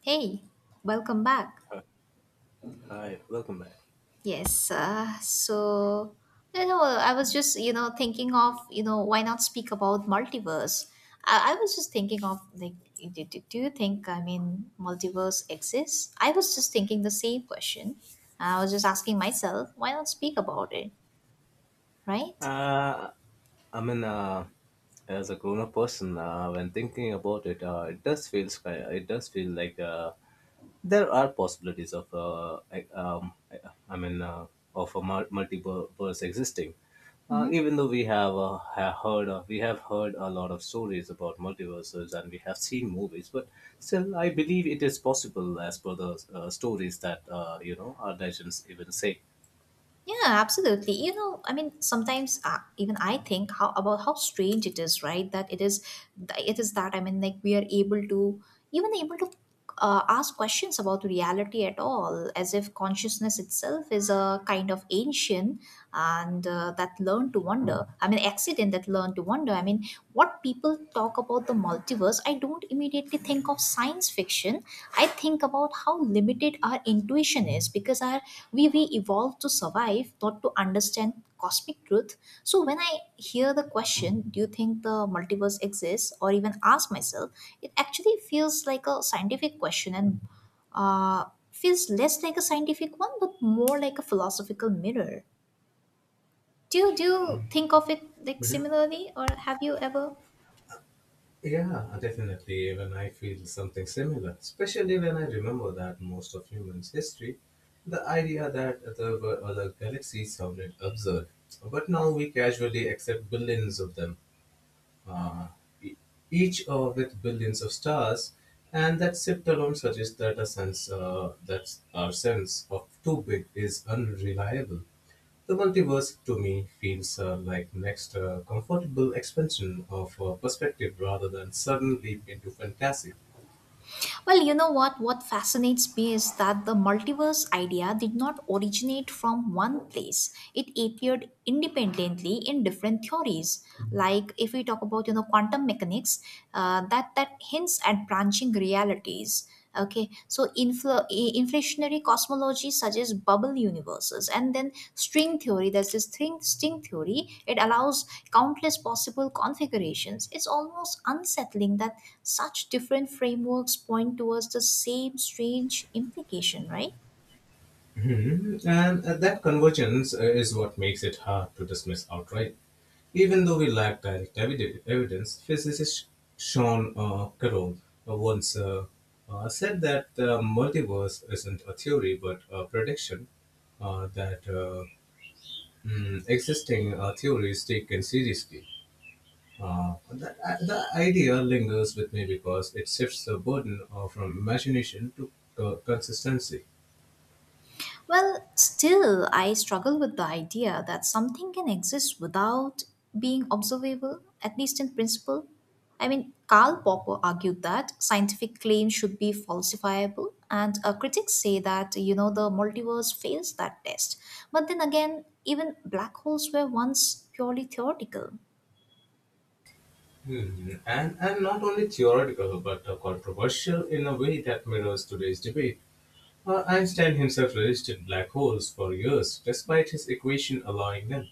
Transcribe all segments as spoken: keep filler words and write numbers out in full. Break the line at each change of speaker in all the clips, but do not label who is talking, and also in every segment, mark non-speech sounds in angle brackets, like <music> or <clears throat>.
Hey, welcome back.
Hi, welcome back.
Yes, uh, so you know, I was just you know thinking of you know why not speak about multiverse. I, I was just thinking of like, do, do, do you think I mean multiverse exists? I was just thinking the same question. I was just asking myself, why not speak about it, right?
Uh, I mean, uh, as a grown-up person, uh, when thinking about it, uh, it does feels ki- it does feel like uh, there are possibilities of uh, I- um, I I mean, uh, of a mul- multiverse existing. Uh,
Mm-hmm.
even though we have, uh, have heard of, we have heard a lot of stories about multiverses and we have seen movies, but still, I believe it is possible as per the uh, stories that uh, you know our legends even say.
Yeah, absolutely. You know, I mean, sometimes uh, even I think how about how strange it is, right? That it is, it is that I mean, like we are able to even able to uh, ask questions about reality at all, as if consciousness itself is a kind of ancient and uh, that learn to wonder I mean accident that learn to wonder. I mean, what people talk about the multiverse, I don't immediately think of science fiction. I think about how limited our intuition is because our we we evolved to survive, not to understand cosmic truth. So when I hear the question, do you think the multiverse exists or even ask myself, it actually feels like a scientific question and uh, feels less like a scientific one but more like a philosophical mirror. Do you do you think of it like similarly, or have you ever?
Yeah, definitely. Even I feel something similar, especially when I remember that most of humans' history, the idea that there were other galaxies sounded absurd. But now we casually accept billions of them, uh, e- each uh, with billions of stars, and that shift alone suggests that a sense uh, that our sense of too big is unreliable. The multiverse to me feels uh, like next uh, comfortable expansion of uh, perspective rather than sudden leap into fantasy.
Well, you know, what what fascinates me is that the multiverse idea did not originate from one place. It appeared independently in different theories. Like, if we talk about you know quantum mechanics, uh, that that hints at branching realities. Okay, so infl- i- inflationary cosmology suggests bubble universes, and then string theory. There's this string string theory. It allows countless possible configurations. It's almost unsettling that such different frameworks point towards the same strange implication, right?
Mhm. And uh, that convergence uh, is what makes it hard to dismiss outright. Even though we lack direct evid- evidence, physicist Sean uh, Carroll uh, once uh, uh, said that the multiverse isn't a theory but a prediction uh, that uh, mm, existing uh, theories taken seriously. Uh, the, the idea lingers with me because it shifts the burden uh, from imagination to co- consistency.
Well, still, I struggle with the idea that something can exist without being observable, at least in principle. I mean, Karl Popper argued that scientific claims should be falsifiable, and uh, critics say that, you know, the multiverse fails that test. But then again, even black holes were once purely theoretical.
Hmm. And, and not only theoretical but uh, controversial in a way that mirrors today's debate. Uh, Einstein himself resisted black holes for years, despite his equation allowing them.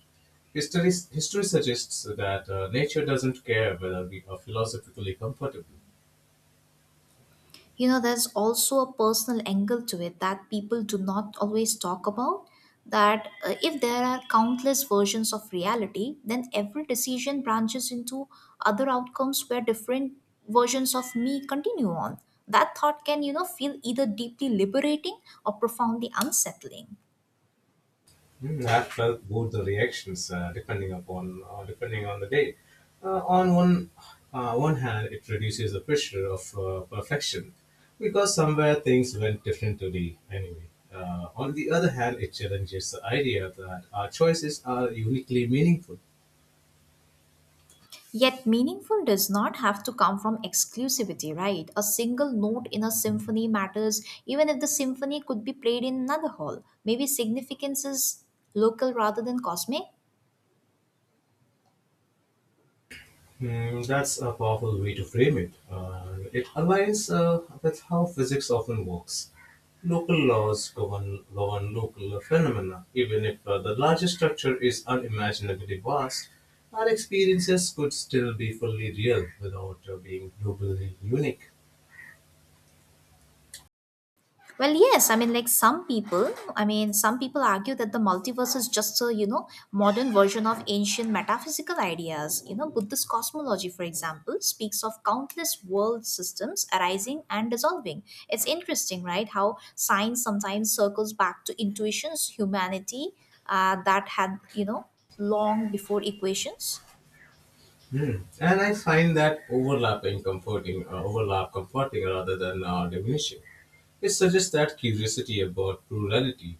History, history suggests that uh, nature doesn't care whether we are philosophically comfortable.
You know, there's also a personal angle to it that people do not always talk about. That uh, if there are countless versions of reality, then every decision branches into other outcomes where different versions of me continue on. That thought can, you know, feel either deeply liberating or profoundly unsettling.
Mm, I've felt both the reactions uh, depending upon uh, depending on the day. Uh, on one uh, one hand, it reduces the pressure of uh, perfection because somewhere things went differently anyway. Uh, on the other hand, it challenges the idea that our choices are uniquely meaningful.
Yet meaningful does not have to come from exclusivity, right? A single note in a symphony matters even if the symphony could be played in another hall. Maybe significance is local rather than cosmic.
Mm, that's a powerful way to frame it. Uh, it aligns uh, with how physics often works. Local laws govern, govern local phenomena, even if uh, the larger structure is unimaginably vast. Our experiences could still be fully real without uh, being globally unique.
Well, yes. I mean, like some people, I mean, some people argue that the multiverse is just a, you know, modern version of ancient metaphysical ideas. You know, Buddhist cosmology, for example, speaks of countless world systems arising and dissolving. It's interesting, right? How science sometimes circles back to intuitions, humanity uh, that had, you know, long before equations.
Hmm. And I find that overlapping comforting, uh, overlap comforting rather than uh, diminishing. It suggests that curiosity about plurality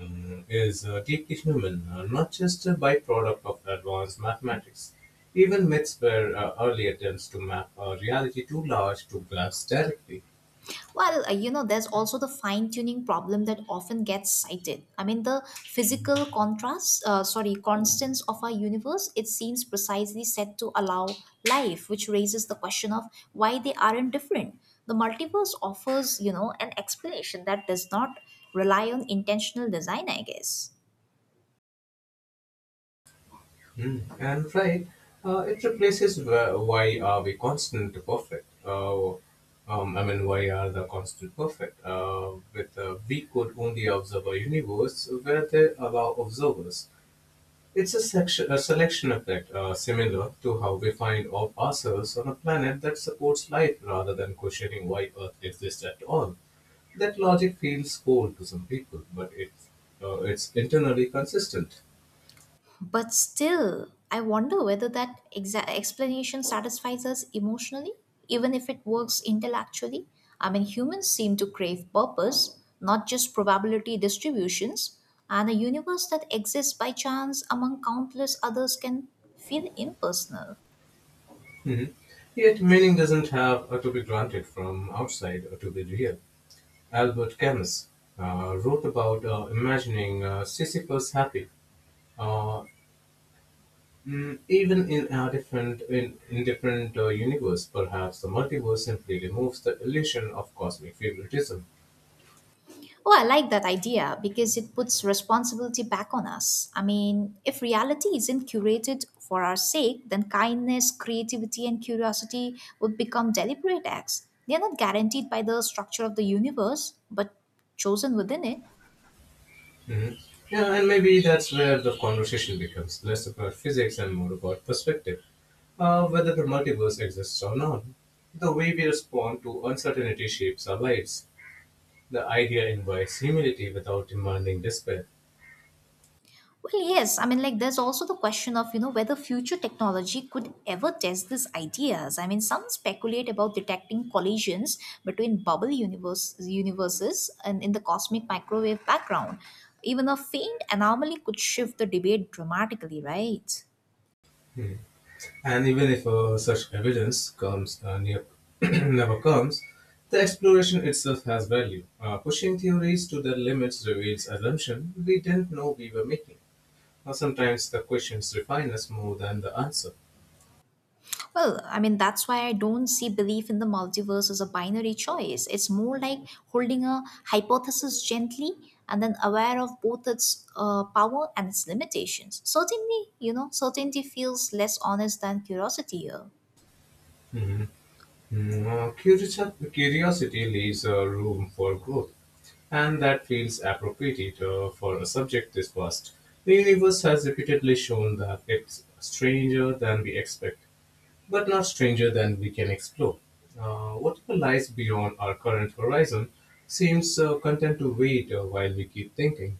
um, is uh, deeply human, uh, not just a byproduct of advanced mathematics. Even myths were uh, early attempts to map a reality too large to grasp directly.
Well, uh, you know, there's also the fine tuning problem that often gets cited. I mean, the physical contrast, uh, sorry, constants of our universe, it seems precisely set to allow life, which raises the question of why they aren't different. The multiverse offers, you know, an explanation that does not rely on intentional design, I guess.
Mm. And flying, uh, it replaces wh- why are we constant to perfect? Uh, um, I mean, why are the constant perfect? Uh, with uh, we could only observe a universe where they allow observers. It's a, section, a selection effect, uh, similar to how we find of ourselves on a planet that supports life rather than questioning why Earth exists at all. That logic feels cold to some people, but it's, uh, it's internally consistent.
But still, I wonder whether that exa- explanation satisfies us emotionally, even if it works intellectually. I mean, humans seem to crave purpose, not just probability distributions, and a universe that exists by chance among countless others can feel impersonal.
Mhm. Yet meaning doesn't have uh, to be granted from outside uh, to be real. Albert Camus uh, wrote about uh, imagining uh, Sisyphus happy, uh, mm, even in a different in, in different uh, universe. Perhaps the multiverse simply removes the illusion of cosmic favoritism.
Oh, I like that idea because it puts responsibility back on us. I mean, if reality isn't curated for our sake, then kindness, creativity, and curiosity would become deliberate acts. They are not guaranteed by the structure of the universe, but chosen within it.
Mhm. Yeah, and maybe that's where the conversation becomes less about physics and more about perspective, uh, whether the multiverse exists or not. The way we respond to uncertainty shapes our lives. The idea invites humility without demanding despair.
Well, yes. I mean, like, there's also the question of, you know, whether future technology could ever test these ideas. I mean, some speculate about detecting collisions between bubble universe, universes and in the cosmic microwave background. Even a faint anomaly could shift the debate dramatically, right?
And even if uh, such evidence comes uh, near, <clears throat> never comes, the exploration itself has value. Uh, pushing theories to their limits reveals assumptions we didn't know we were making. Or sometimes the questions refine us more than the answer.
Well, I mean, that's why I don't see belief in the multiverse as a binary choice. It's more like holding a hypothesis gently and then aware of both its uh, power and its limitations. Certainly, you know, certainty feels less honest than curiosity here.
Mm, uh, curiosi- Curiosity leaves uh, room for growth, and that feels appropriate uh, for a subject this vast. The universe has repeatedly shown that it's stranger than we expect, but not stranger than we can explore. Uh, whatever lies beyond our current horizon seems uh, content to wait uh, while we keep thinking.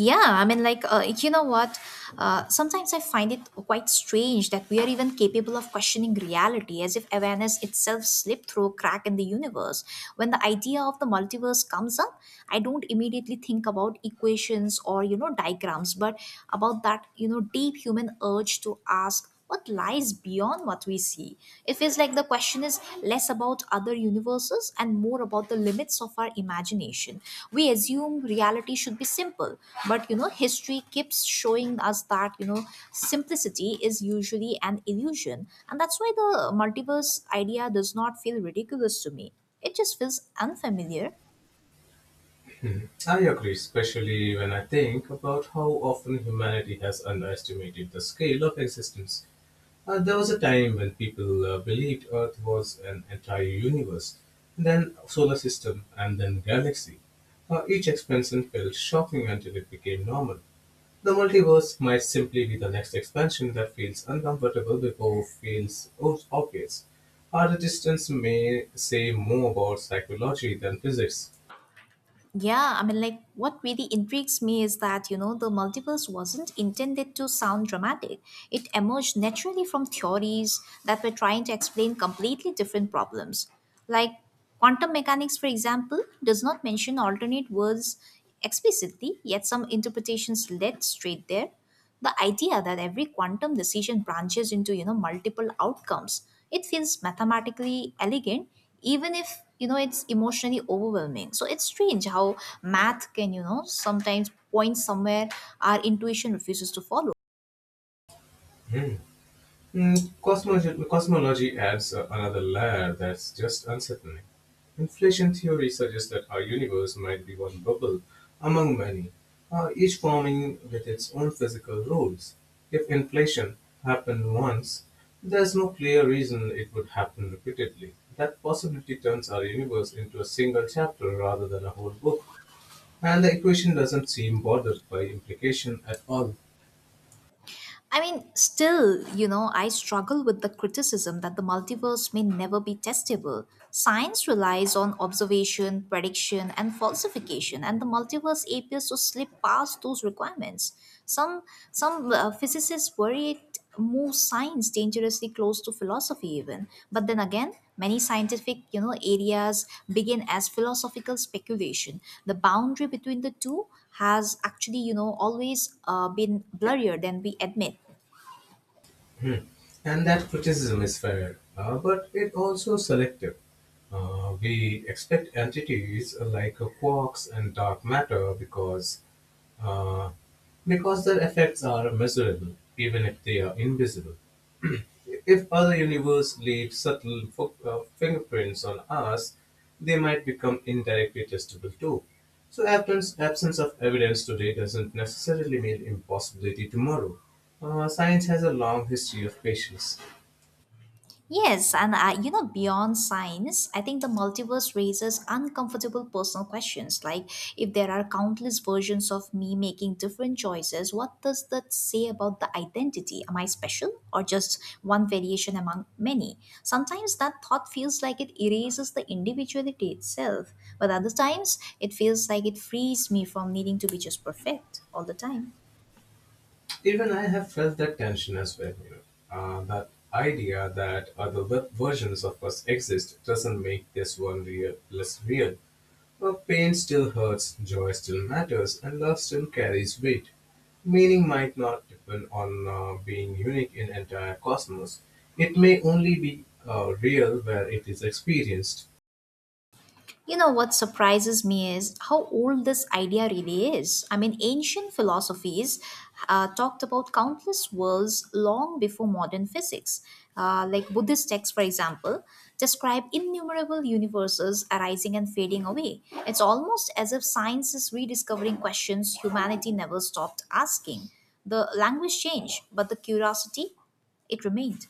Yeah, I mean, like, uh, you know what? Uh, sometimes I find it quite strange that we are even capable of questioning reality, as if awareness itself slipped through a crack in the universe. When the idea of the multiverse comes up, I don't immediately think about equations or, you know, diagrams, but about that, you know, deep human urge to ask what lies beyond what we see. It feels like the question is less about other universes and more about the limits of our imagination. We assume reality should be simple, but you know, history keeps showing us that you know, simplicity is usually an illusion, and that's why the multiverse idea does not feel ridiculous to me. It just feels unfamiliar.
I agree, especially when I think about how often humanity has underestimated the scale of existence. Uh, there was a time when people uh, believed Earth was an entire universe, then solar system, and then galaxy. Uh, each expansion felt shocking until it became normal. The multiverse might simply be the next expansion that feels uncomfortable before feels obvious. Our distance may say more about psychology than physics.
Yeah, I mean, like, what really intrigues me is that, you know, the multiverse wasn't intended to sound dramatic. It emerged naturally from theories that were trying to explain completely different problems. Like, quantum mechanics, for example, does not mention alternate worlds explicitly, yet some interpretations led straight there. The idea that every quantum decision branches into you know multiple outcomes, it feels mathematically elegant, even if you know it's emotionally overwhelming. So it's strange how math can you know sometimes point somewhere our intuition refuses to follow.
Mm, cosmology, cosmology adds uh, another layer that's just unsettling. Inflation theory suggests that our universe might be one bubble among many, uh, each forming with its own physical rules. If inflation happened once, there's no clear reason it would happen repeatedly. That possibility turns our universe into a single chapter rather than a whole book, and the equation doesn't seem bothered by implication at all.
I mean, still, you know, I struggle with the criticism that the multiverse may never be testable. Science relies on observation, prediction, and falsification, and the multiverse appears to slip past those requirements. Some some uh, physicists worry it it moves science dangerously close to philosophy even. But then again, many scientific you know areas begin as philosophical speculation. The boundary between the two has actually you know always uh, been blurrier than we admit.
Hmm. And that criticism is fair, uh, but it also selective. Uh, we expect entities like uh, quarks and dark matter because uh, because their effects are measurable, even if they are invisible. If other universes leave subtle uh, fingerprints on us, they might become indirectly testable too. So, absence, absence of evidence today doesn't necessarily mean impossibility tomorrow. Uh, science has a long history of patience.
Yes, and uh, you know, beyond science, I think the multiverse raises uncomfortable personal questions, like if there are countless versions of me making different choices, what does that say about the identity? Am I special or just one variation among many? Sometimes that thought feels like it erases the individuality itself, but other times it feels like it frees me from needing to be just perfect all the time.
Even I have felt that tension as well. You know, uh, that idea that other ver- versions of us exist doesn't make this one real less real. For pain still hurts, joy still matters, and love still carries weight. Meaning might not depend on uh, being unique in entire cosmos. It may only be uh, real where it is experienced.
You know what surprises me is how old this idea really is. I mean, ancient philosophies uh, talked about countless worlds long before modern physics. Uh, like Buddhist texts, for example, describe innumerable universes arising and fading away. It's almost as if science is rediscovering questions humanity never stopped asking. The language changed, but the curiosity, it remained.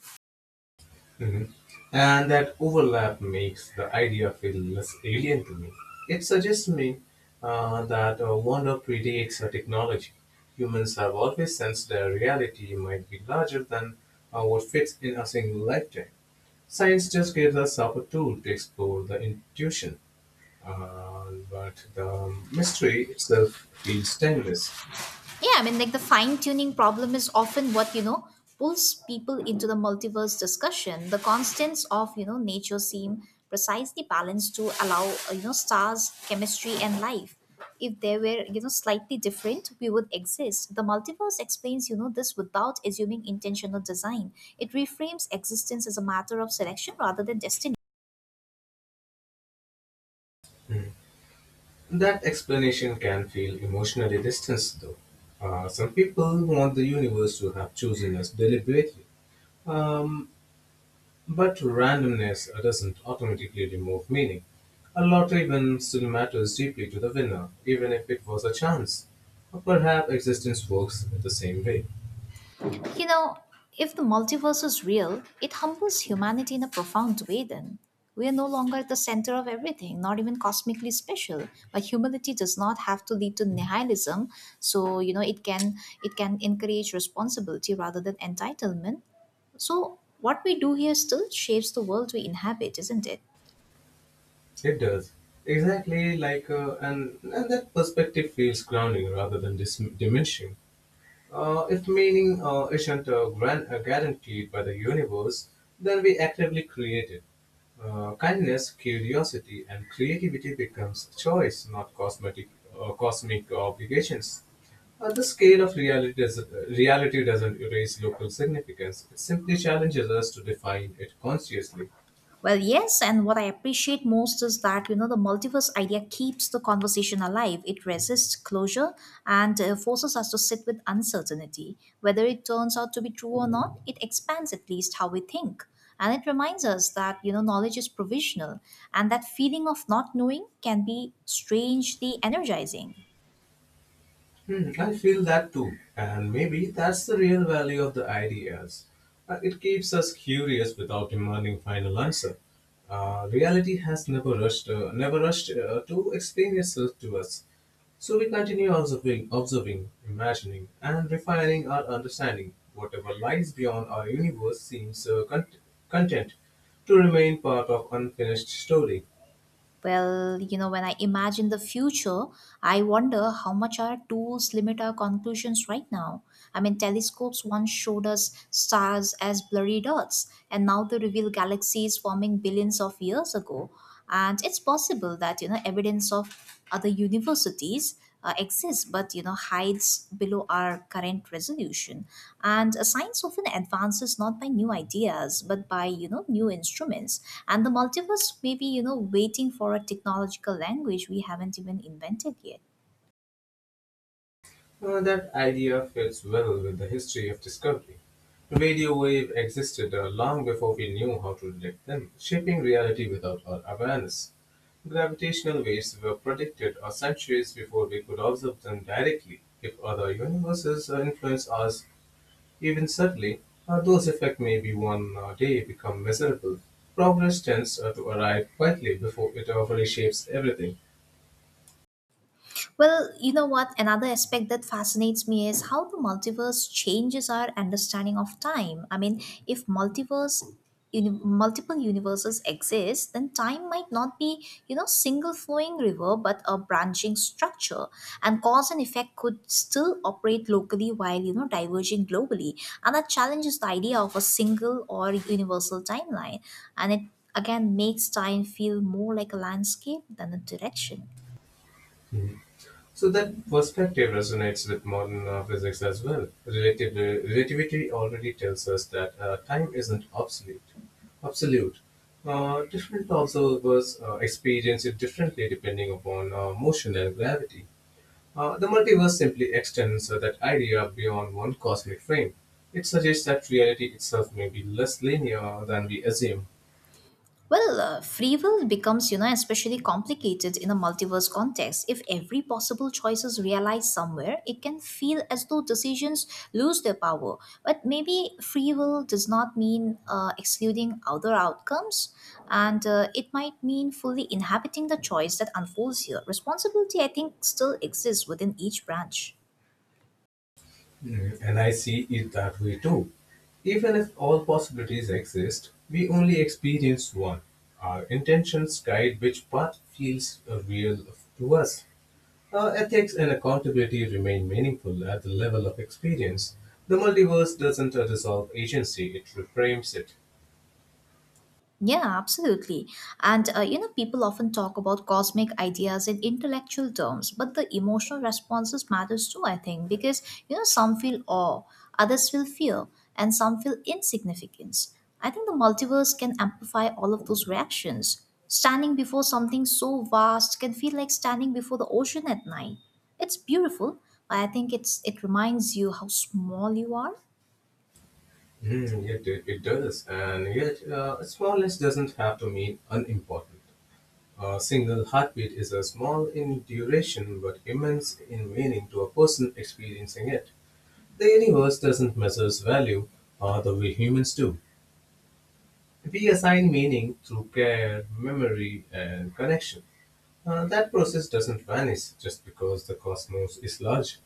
Mhm. And that overlap makes the idea feel less alien to me. It suggests me uh, that uh, wonder predates a technology. Humans have always sensed their reality might be larger than uh, what fits in a single lifetime. Science just gives us a tool to explore the intuition, uh, but the mystery itself feels timeless.
Yeah, I mean, like the fine tuning problem is often what, you know, pulls people into the multiverse discussion. The constants of, you know, nature seem precisely balanced to allow, uh, you know, stars, chemistry, and life. If they were, you know, slightly different, we would exist. The multiverse explains, you know, this without assuming intentional design. It reframes existence as a matter of selection rather than destiny.
That explanation can feel emotionally distanced, though. Uh, some people want the universe to have chosen us deliberately, um, but randomness doesn't automatically remove meaning. A lottery win still matters deeply to the winner, even if it was a chance. Perhaps existence works the same way.
You know, if the multiverse is real, it humbles humanity in a profound way then. We are no longer at the center of everything, not even cosmically special. But humility does not have to lead to nihilism. So, you know, it can it can encourage responsibility rather than entitlement. So what we do here still shapes the world we inhabit, isn't it?
It does. Exactly like, uh, and, and that perspective feels grounding rather than dis- diminishing. Uh, if meaning uh, isn't uh, gran- uh, guaranteed by the universe, then we actively create it. Uh, kindness, curiosity, and creativity becomes choice, not cosmetic, uh, cosmic obligations. Uh, the scale of reality, does, uh, reality doesn't erase local significance. It simply challenges us to define it consciously.
Well, yes, and what I appreciate most is that you know the multiverse idea keeps the conversation alive. It resists closure and uh, forces us to sit with uncertainty, whether it turns out to be true or not. It expands at least how we think, and it reminds us that you know knowledge is provisional, and that feeling of not knowing can be strangely energizing.
Hmm, I feel that too, and maybe that's the real value of the ideas. Uh, it keeps us curious without demanding final answer. Uh, reality has never rushed, uh, never rushed uh, to explain itself to us, so we continue observing, observing, imagining, and refining our understanding. Whatever lies beyond our universe seems uh, cont- content to remain part of unfinished story.
Well, you know, when I imagine the future, I wonder how much our tools limit our conclusions right now. I mean, telescopes once showed us stars as blurry dots, and now they reveal galaxies forming billions of years ago. And it's possible that, you know, evidence of other universities uh, exist but you know hides below our current resolution, and uh, science often advances not by new ideas but by you know new instruments, and the multiverse may be you know waiting for a technological language we haven't even invented yet.
Uh, that idea fits well with the history of discovery. Radio waves existed uh, long before we knew how to detect them, shaping reality without our awareness. Gravitational waves were predicted uh, centuries before we could observe them directly. If other universes uh, influence us even subtly, uh, those effects may be one uh, day become measurable. Progress tends uh, to arrive quietly before it uh, reshapes everything.
Well, you know what? Another aspect that fascinates me is how the multiverse changes our understanding of time. I mean, if multiverse uni- multiple universes exist, then time might not be you know single flowing river but a branching structure, and cause and effect could still operate locally while you know diverging globally, and that challenges the idea of a single or universal timeline, and it again makes time feel more like a landscape than a direction.
So that perspective resonates with modern uh, physics as well. Relativ- relativity already tells us that uh, time isn't obsolete, absolute. Uh, different observers uh, experience it differently depending upon uh, motion and gravity. Uh, the multiverse simply extends uh, that idea beyond one cosmic frame. It suggests that reality itself may be less linear than we assume.
Well, uh, free will becomes, you know, especially complicated in a multiverse context. If every possible choice is realized somewhere, it can feel as though decisions lose their power. But maybe free will does not mean uh, excluding other outcomes, and uh, it might mean fully inhabiting the choice that unfolds here. Responsibility, I think, still exists within each branch.
Mm. And I see it that way too. Even if all possibilities exist, we only experience one. Our intentions guide which path feels uh, real to us. Our ethics and accountability remain meaningful at the level of experience. The multiverse doesn't uh, dissolve agency, it reframes it.
Yeah, absolutely. And uh, you know, people often talk about cosmic ideas in intellectual terms, but the emotional responses matters too, I think, because you know, some feel awe, others feel fear, and some feel insignificance. I think the multiverse can amplify all of those reactions. Standing before something so vast can feel like standing before the ocean at night. It's beautiful, but I think it's it reminds you how small you are.
Mm, it, it, it does, and yet uh, smallness doesn't have to mean unimportant. A single heartbeat is a small in duration but immense in meaning to a person experiencing it. The universe doesn't measure value uh, the way humans do. We assign meaning through care, memory, and connection. Uh, that process doesn't vanish just because the cosmos is large.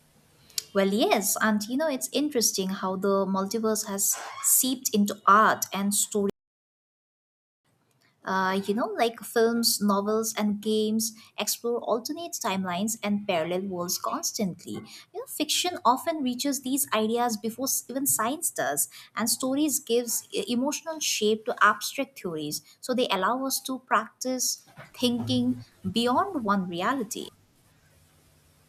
Well, yes, and you know, it's interesting how the multiverse has seeped into art and story. Uh, you know, like films, novels, and games explore alternate timelines and parallel worlds constantly. You know, fiction often reaches these ideas before s- even science does, and stories gives e- emotional shape to abstract theories. So they allow us to practice thinking beyond one reality.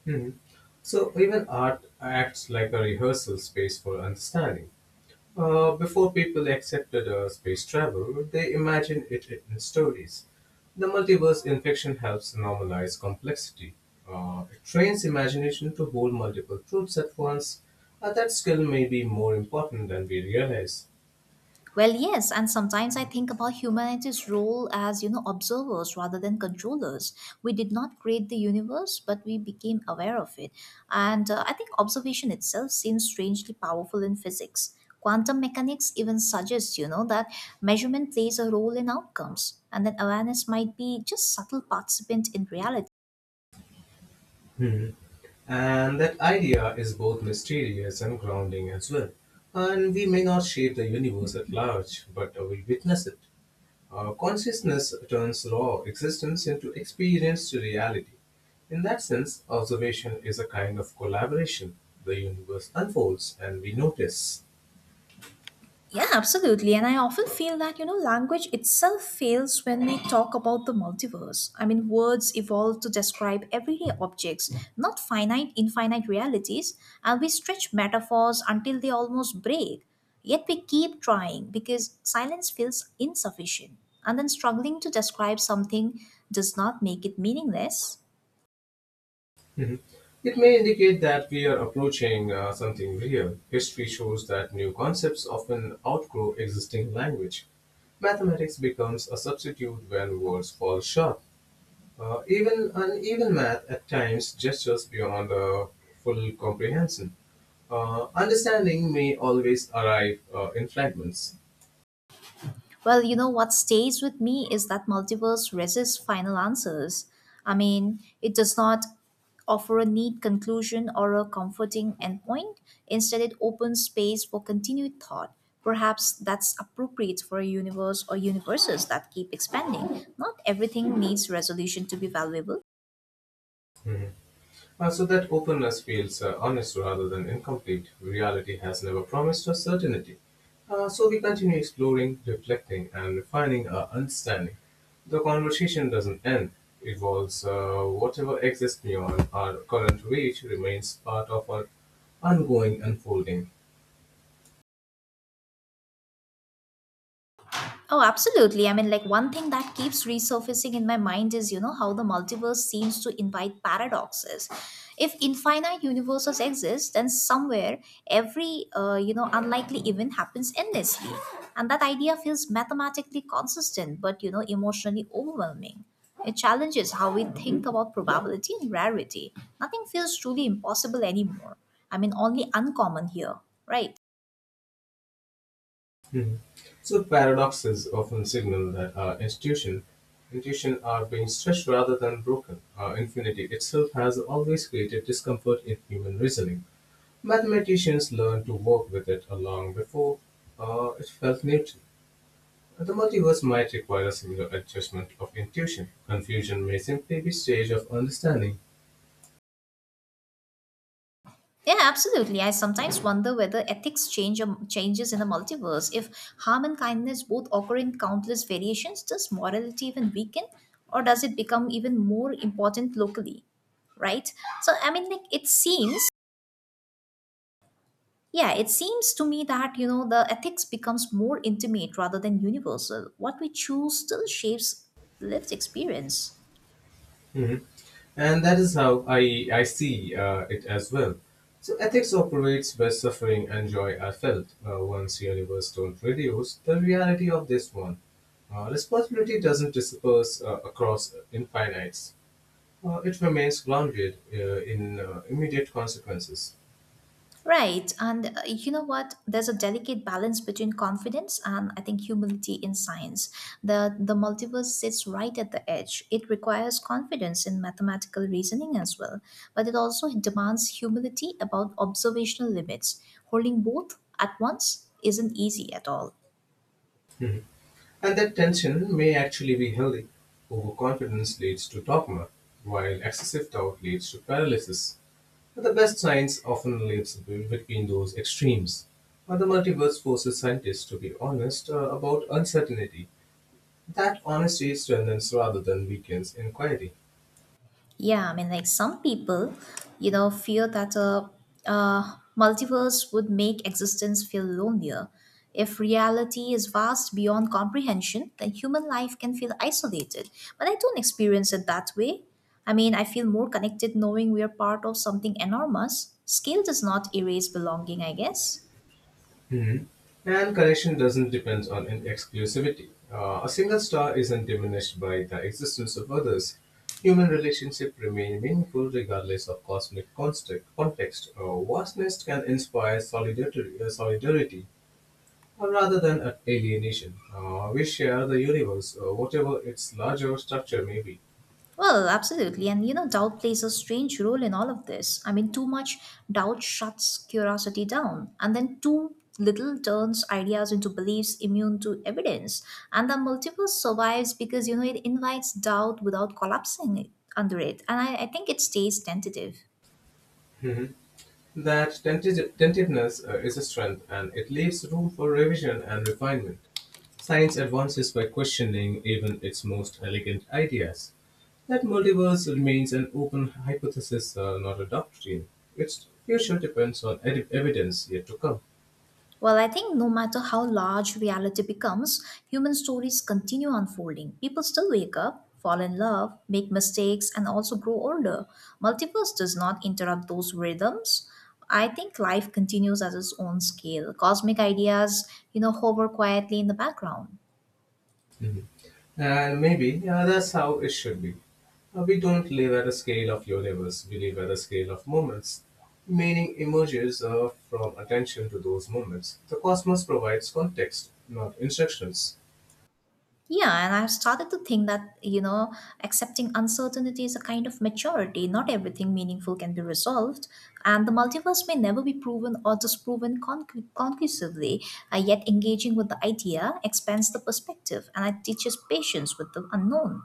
Mhm. So even art acts like a rehearsal space for understanding. Uh, before people accepted uh, space travel, they imagined it in stories. The multiverse in fiction helps normalize complexity. Uh, it trains imagination to hold multiple truths at once. Uh, that skill may be more important than we realize.
Well, yes, and sometimes I think about humanity's role as, you know, observers rather than controllers. We did not create the universe, but we became aware of it. And uh, I think observation itself seems strangely powerful in physics. Quantum mechanics even suggests, you know, that measurement plays a role in outcomes, and that awareness might be just subtle participant in reality.
Hmm. And that idea is both mysterious and grounding as well. And we may not shape the universe at large, but uh, we witness it. Uh, consciousness turns raw existence into experienced reality. In that sense, observation is a kind of collaboration. The universe unfolds and we notice.
Yeah, absolutely. And I often feel that, you know, language itself fails when we talk about the multiverse. I mean, words evolve to describe everyday objects, not finite, infinite realities, and we stretch metaphors until they almost break. Yet we keep trying because silence feels insufficient. And then struggling to describe something does not make it meaningless.
Mhm. It may indicate that we are approaching uh, something real. History shows that new concepts often outgrow existing language. Mathematics becomes a substitute when words fall short. Uh, even uneven math at times gestures beyond uh, full comprehension. Uh, understanding may always arrive uh, in fragments,
Well, you know what stays with me is that multiverse resists final answers. I mean, it does not offer a neat conclusion or a comforting endpoint. Instead, it opens space for continued thought. Perhaps that's appropriate for a universe or universes that keep expanding. Not everything needs resolution to be valuable.
uh, so that openness feels uh, honest rather than incomplete. Reality has never promised us certainty. Uh, so we continue exploring, reflecting, and refining our understanding. The conversation doesn't end, it evolves. Uh, whatever exists beyond our current reach remains part of our ongoing unfolding.
Oh, absolutely. I mean, like one thing that keeps resurfacing in my mind is, you know, how the multiverse seems to invite paradoxes. If infinite universes exist, then somewhere every, uh, you know, unlikely event happens endlessly. And that idea feels mathematically consistent, but, you know, emotionally overwhelming. It challenges how we think about probability and rarity. Nothing feels truly impossible anymore. I mean, only uncommon here, right?
Mhm. So paradoxes often signal that our institution, intuition are being stretched rather than broken. Uh, infinity itself has always created discomfort in human reasoning. Mathematicians learned to work with it long before uh, it felt neutral. The multiverse might require a similar adjustment of intuition. Confusion may simply be stage of understanding.
Yeah, absolutely. I sometimes wonder whether ethics change um, changes in the multiverse. If harm and kindness both occur in countless variations, does morality even weaken, or does it become even more important locally? Right. So I mean, like it seems. Yeah, it seems to me that you know the ethics becomes more intimate rather than universal. What we choose still shapes lived experience.
And that is how I, I see uh, it as well. So ethics operates where suffering and joy are felt. Uh, once universe don't reduce the reality of this one. Uh, responsibility doesn't disperse uh, across infinites. Uh, it remains grounded uh, in uh, immediate consequences.
Right. And uh, you know what? There's a delicate balance between confidence and I think humility in science. The the multiverse sits right at the edge. It requires confidence in mathematical reasoning as well, but it also demands humility about observational limits. Holding both at once isn't easy at all.
Mhm. And that tension may actually be healthy. Overconfidence leads to dogma, while excessive doubt leads to paralysis. But the best science often lives between those extremes. But the multiverse forces scientists to be honest uh, about uncertainty. That honesty strengthens rather than weakens inquiry.
Yeah, I mean, like some people, you know, fear that a, a multiverse would make existence feel lonelier. If reality is vast beyond comprehension, then human life can feel isolated. But I don't experience it that way. I mean, I feel more connected knowing we are part of something enormous. Scale does not erase belonging, I guess.
Mhm. And connection doesn't depend on an exclusivity. Uh, a single star isn't diminished by the existence of others. Human relationships remain meaningful regardless of cosmic context. context. Uh, vastness can inspire solidarity, uh, solidarity, uh, rather than an alienation. uh, we share the universe, uh, whatever its larger structure may be.
Well, absolutely. And you know, doubt plays a strange role in all of this. I mean, too much doubt shuts curiosity down, and then too little turns ideas into beliefs immune to evidence. And the multiverse survives because, you know, it invites doubt without collapsing under it. And I, I think it stays tentative.
Mhm. That tenti- tentativeness uh, is a strength and it leaves room for revision and refinement. Science advances by questioning even its most elegant ideas. That multiverse remains an open hypothesis, uh, not a doctrine. Its future depends on ed- evidence yet to come.
Well, I think no matter how large reality becomes, human stories continue unfolding. People still wake up, fall in love, make mistakes, and also grow older. Multiverse does not interrupt those rhythms. I think life continues at its own scale. Cosmic ideas, you know, hover quietly in the background.
And maybe yeah, that's how it should be. Uh, we don't live at a scale of universe, we live at a scale of moments. Meaning emerges uh, from attention to those moments. The cosmos provides context, not instructions.
Yeah, and I've started to think that, you know, accepting uncertainty is a kind of maturity. Not everything meaningful can be resolved, and the multiverse may never be proven or disproven conc- conclusively. Uh, yet, engaging with the idea expands the perspective and it teaches patience with the unknown.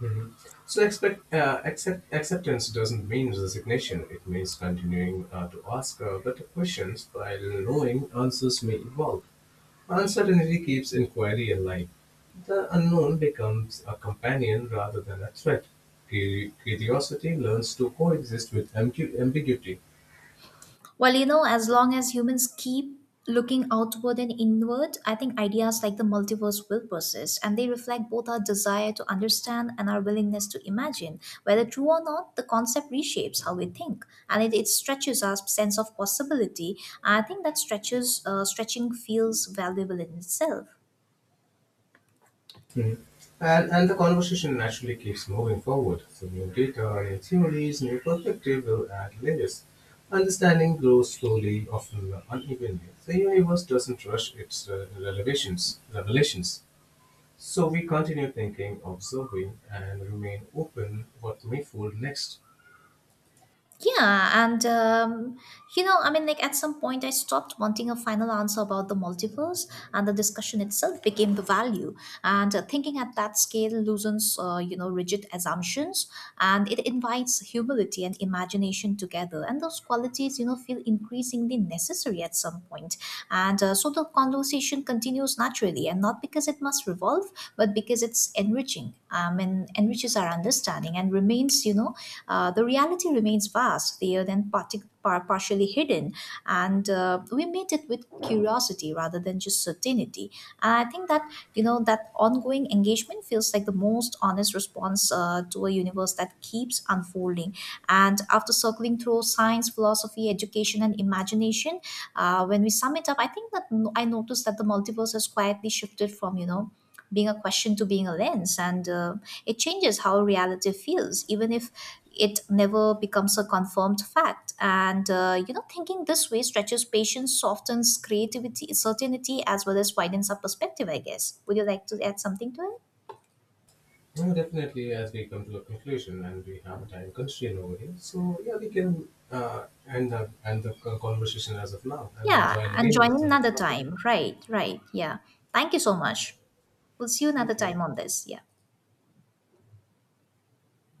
Mhm. So expect, uh, accept, acceptance doesn't mean resignation. It means continuing uh, to ask uh, better questions while knowing answers may evolve. Uncertainty keeps inquiry alive. The unknown becomes a companion rather than a threat. Cu- Curiosity learns to coexist with ambu- ambiguity.
Well, you know, as long as humans keep looking outward and inward, I think ideas like the multiverse will persist and they reflect both our desire to understand and our willingness to imagine. Whether true or not, the concept reshapes how we think and it, it stretches our sense of possibility. I think that stretches, uh, stretching feels valuable in itself.
Mhm. And, and the conversation naturally keeps moving forward. So new data, new theories, new perspective will add layers. Understanding grows slowly, often unevenly. The universe doesn't rush its uh, revelations. revelations. So we continue thinking, observing, and remain open what may fold next.
Yeah, and um, you know, I mean, like at some point, I stopped wanting a final answer about the multiverse, and the discussion itself became the value. And uh, thinking at that scale loosens, uh, you know, rigid assumptions, and it invites humility and imagination together. And those qualities, you know, feel increasingly necessary at some point. And uh, so the conversation continues naturally naturally and not because it must revolve but because it's enriching um, and enriches our understanding and remains, you know, uh, the reality remains vast there then partic- par- partially hidden, and uh, we meet it with curiosity rather than just certainty. And I think that, you know, that ongoing engagement feels like the most honest response uh, to a universe that keeps unfolding. And after circling through science, philosophy, education, and imagination, uh, when we sum it up, I think that no- I noticed that the multiverse has quietly shifted from, you know, being a question to being a lens, and uh, it changes how reality feels, even if it never becomes a confirmed fact. And, uh, you know, thinking this way stretches patience, softens creativity, certainty, as well as widens our perspective, I guess. Would you like to add something to it?
Well, definitely, as we come to a conclusion and we have a time constraint over here, so yeah, we can uh, end the, end the conversation as of now and
Yeah,
join
and
again
join
with
in
the next
another
topic.
time. Right, right. Yeah. Thank you so much. We'll see you another
Thank you.
time on this. Yeah.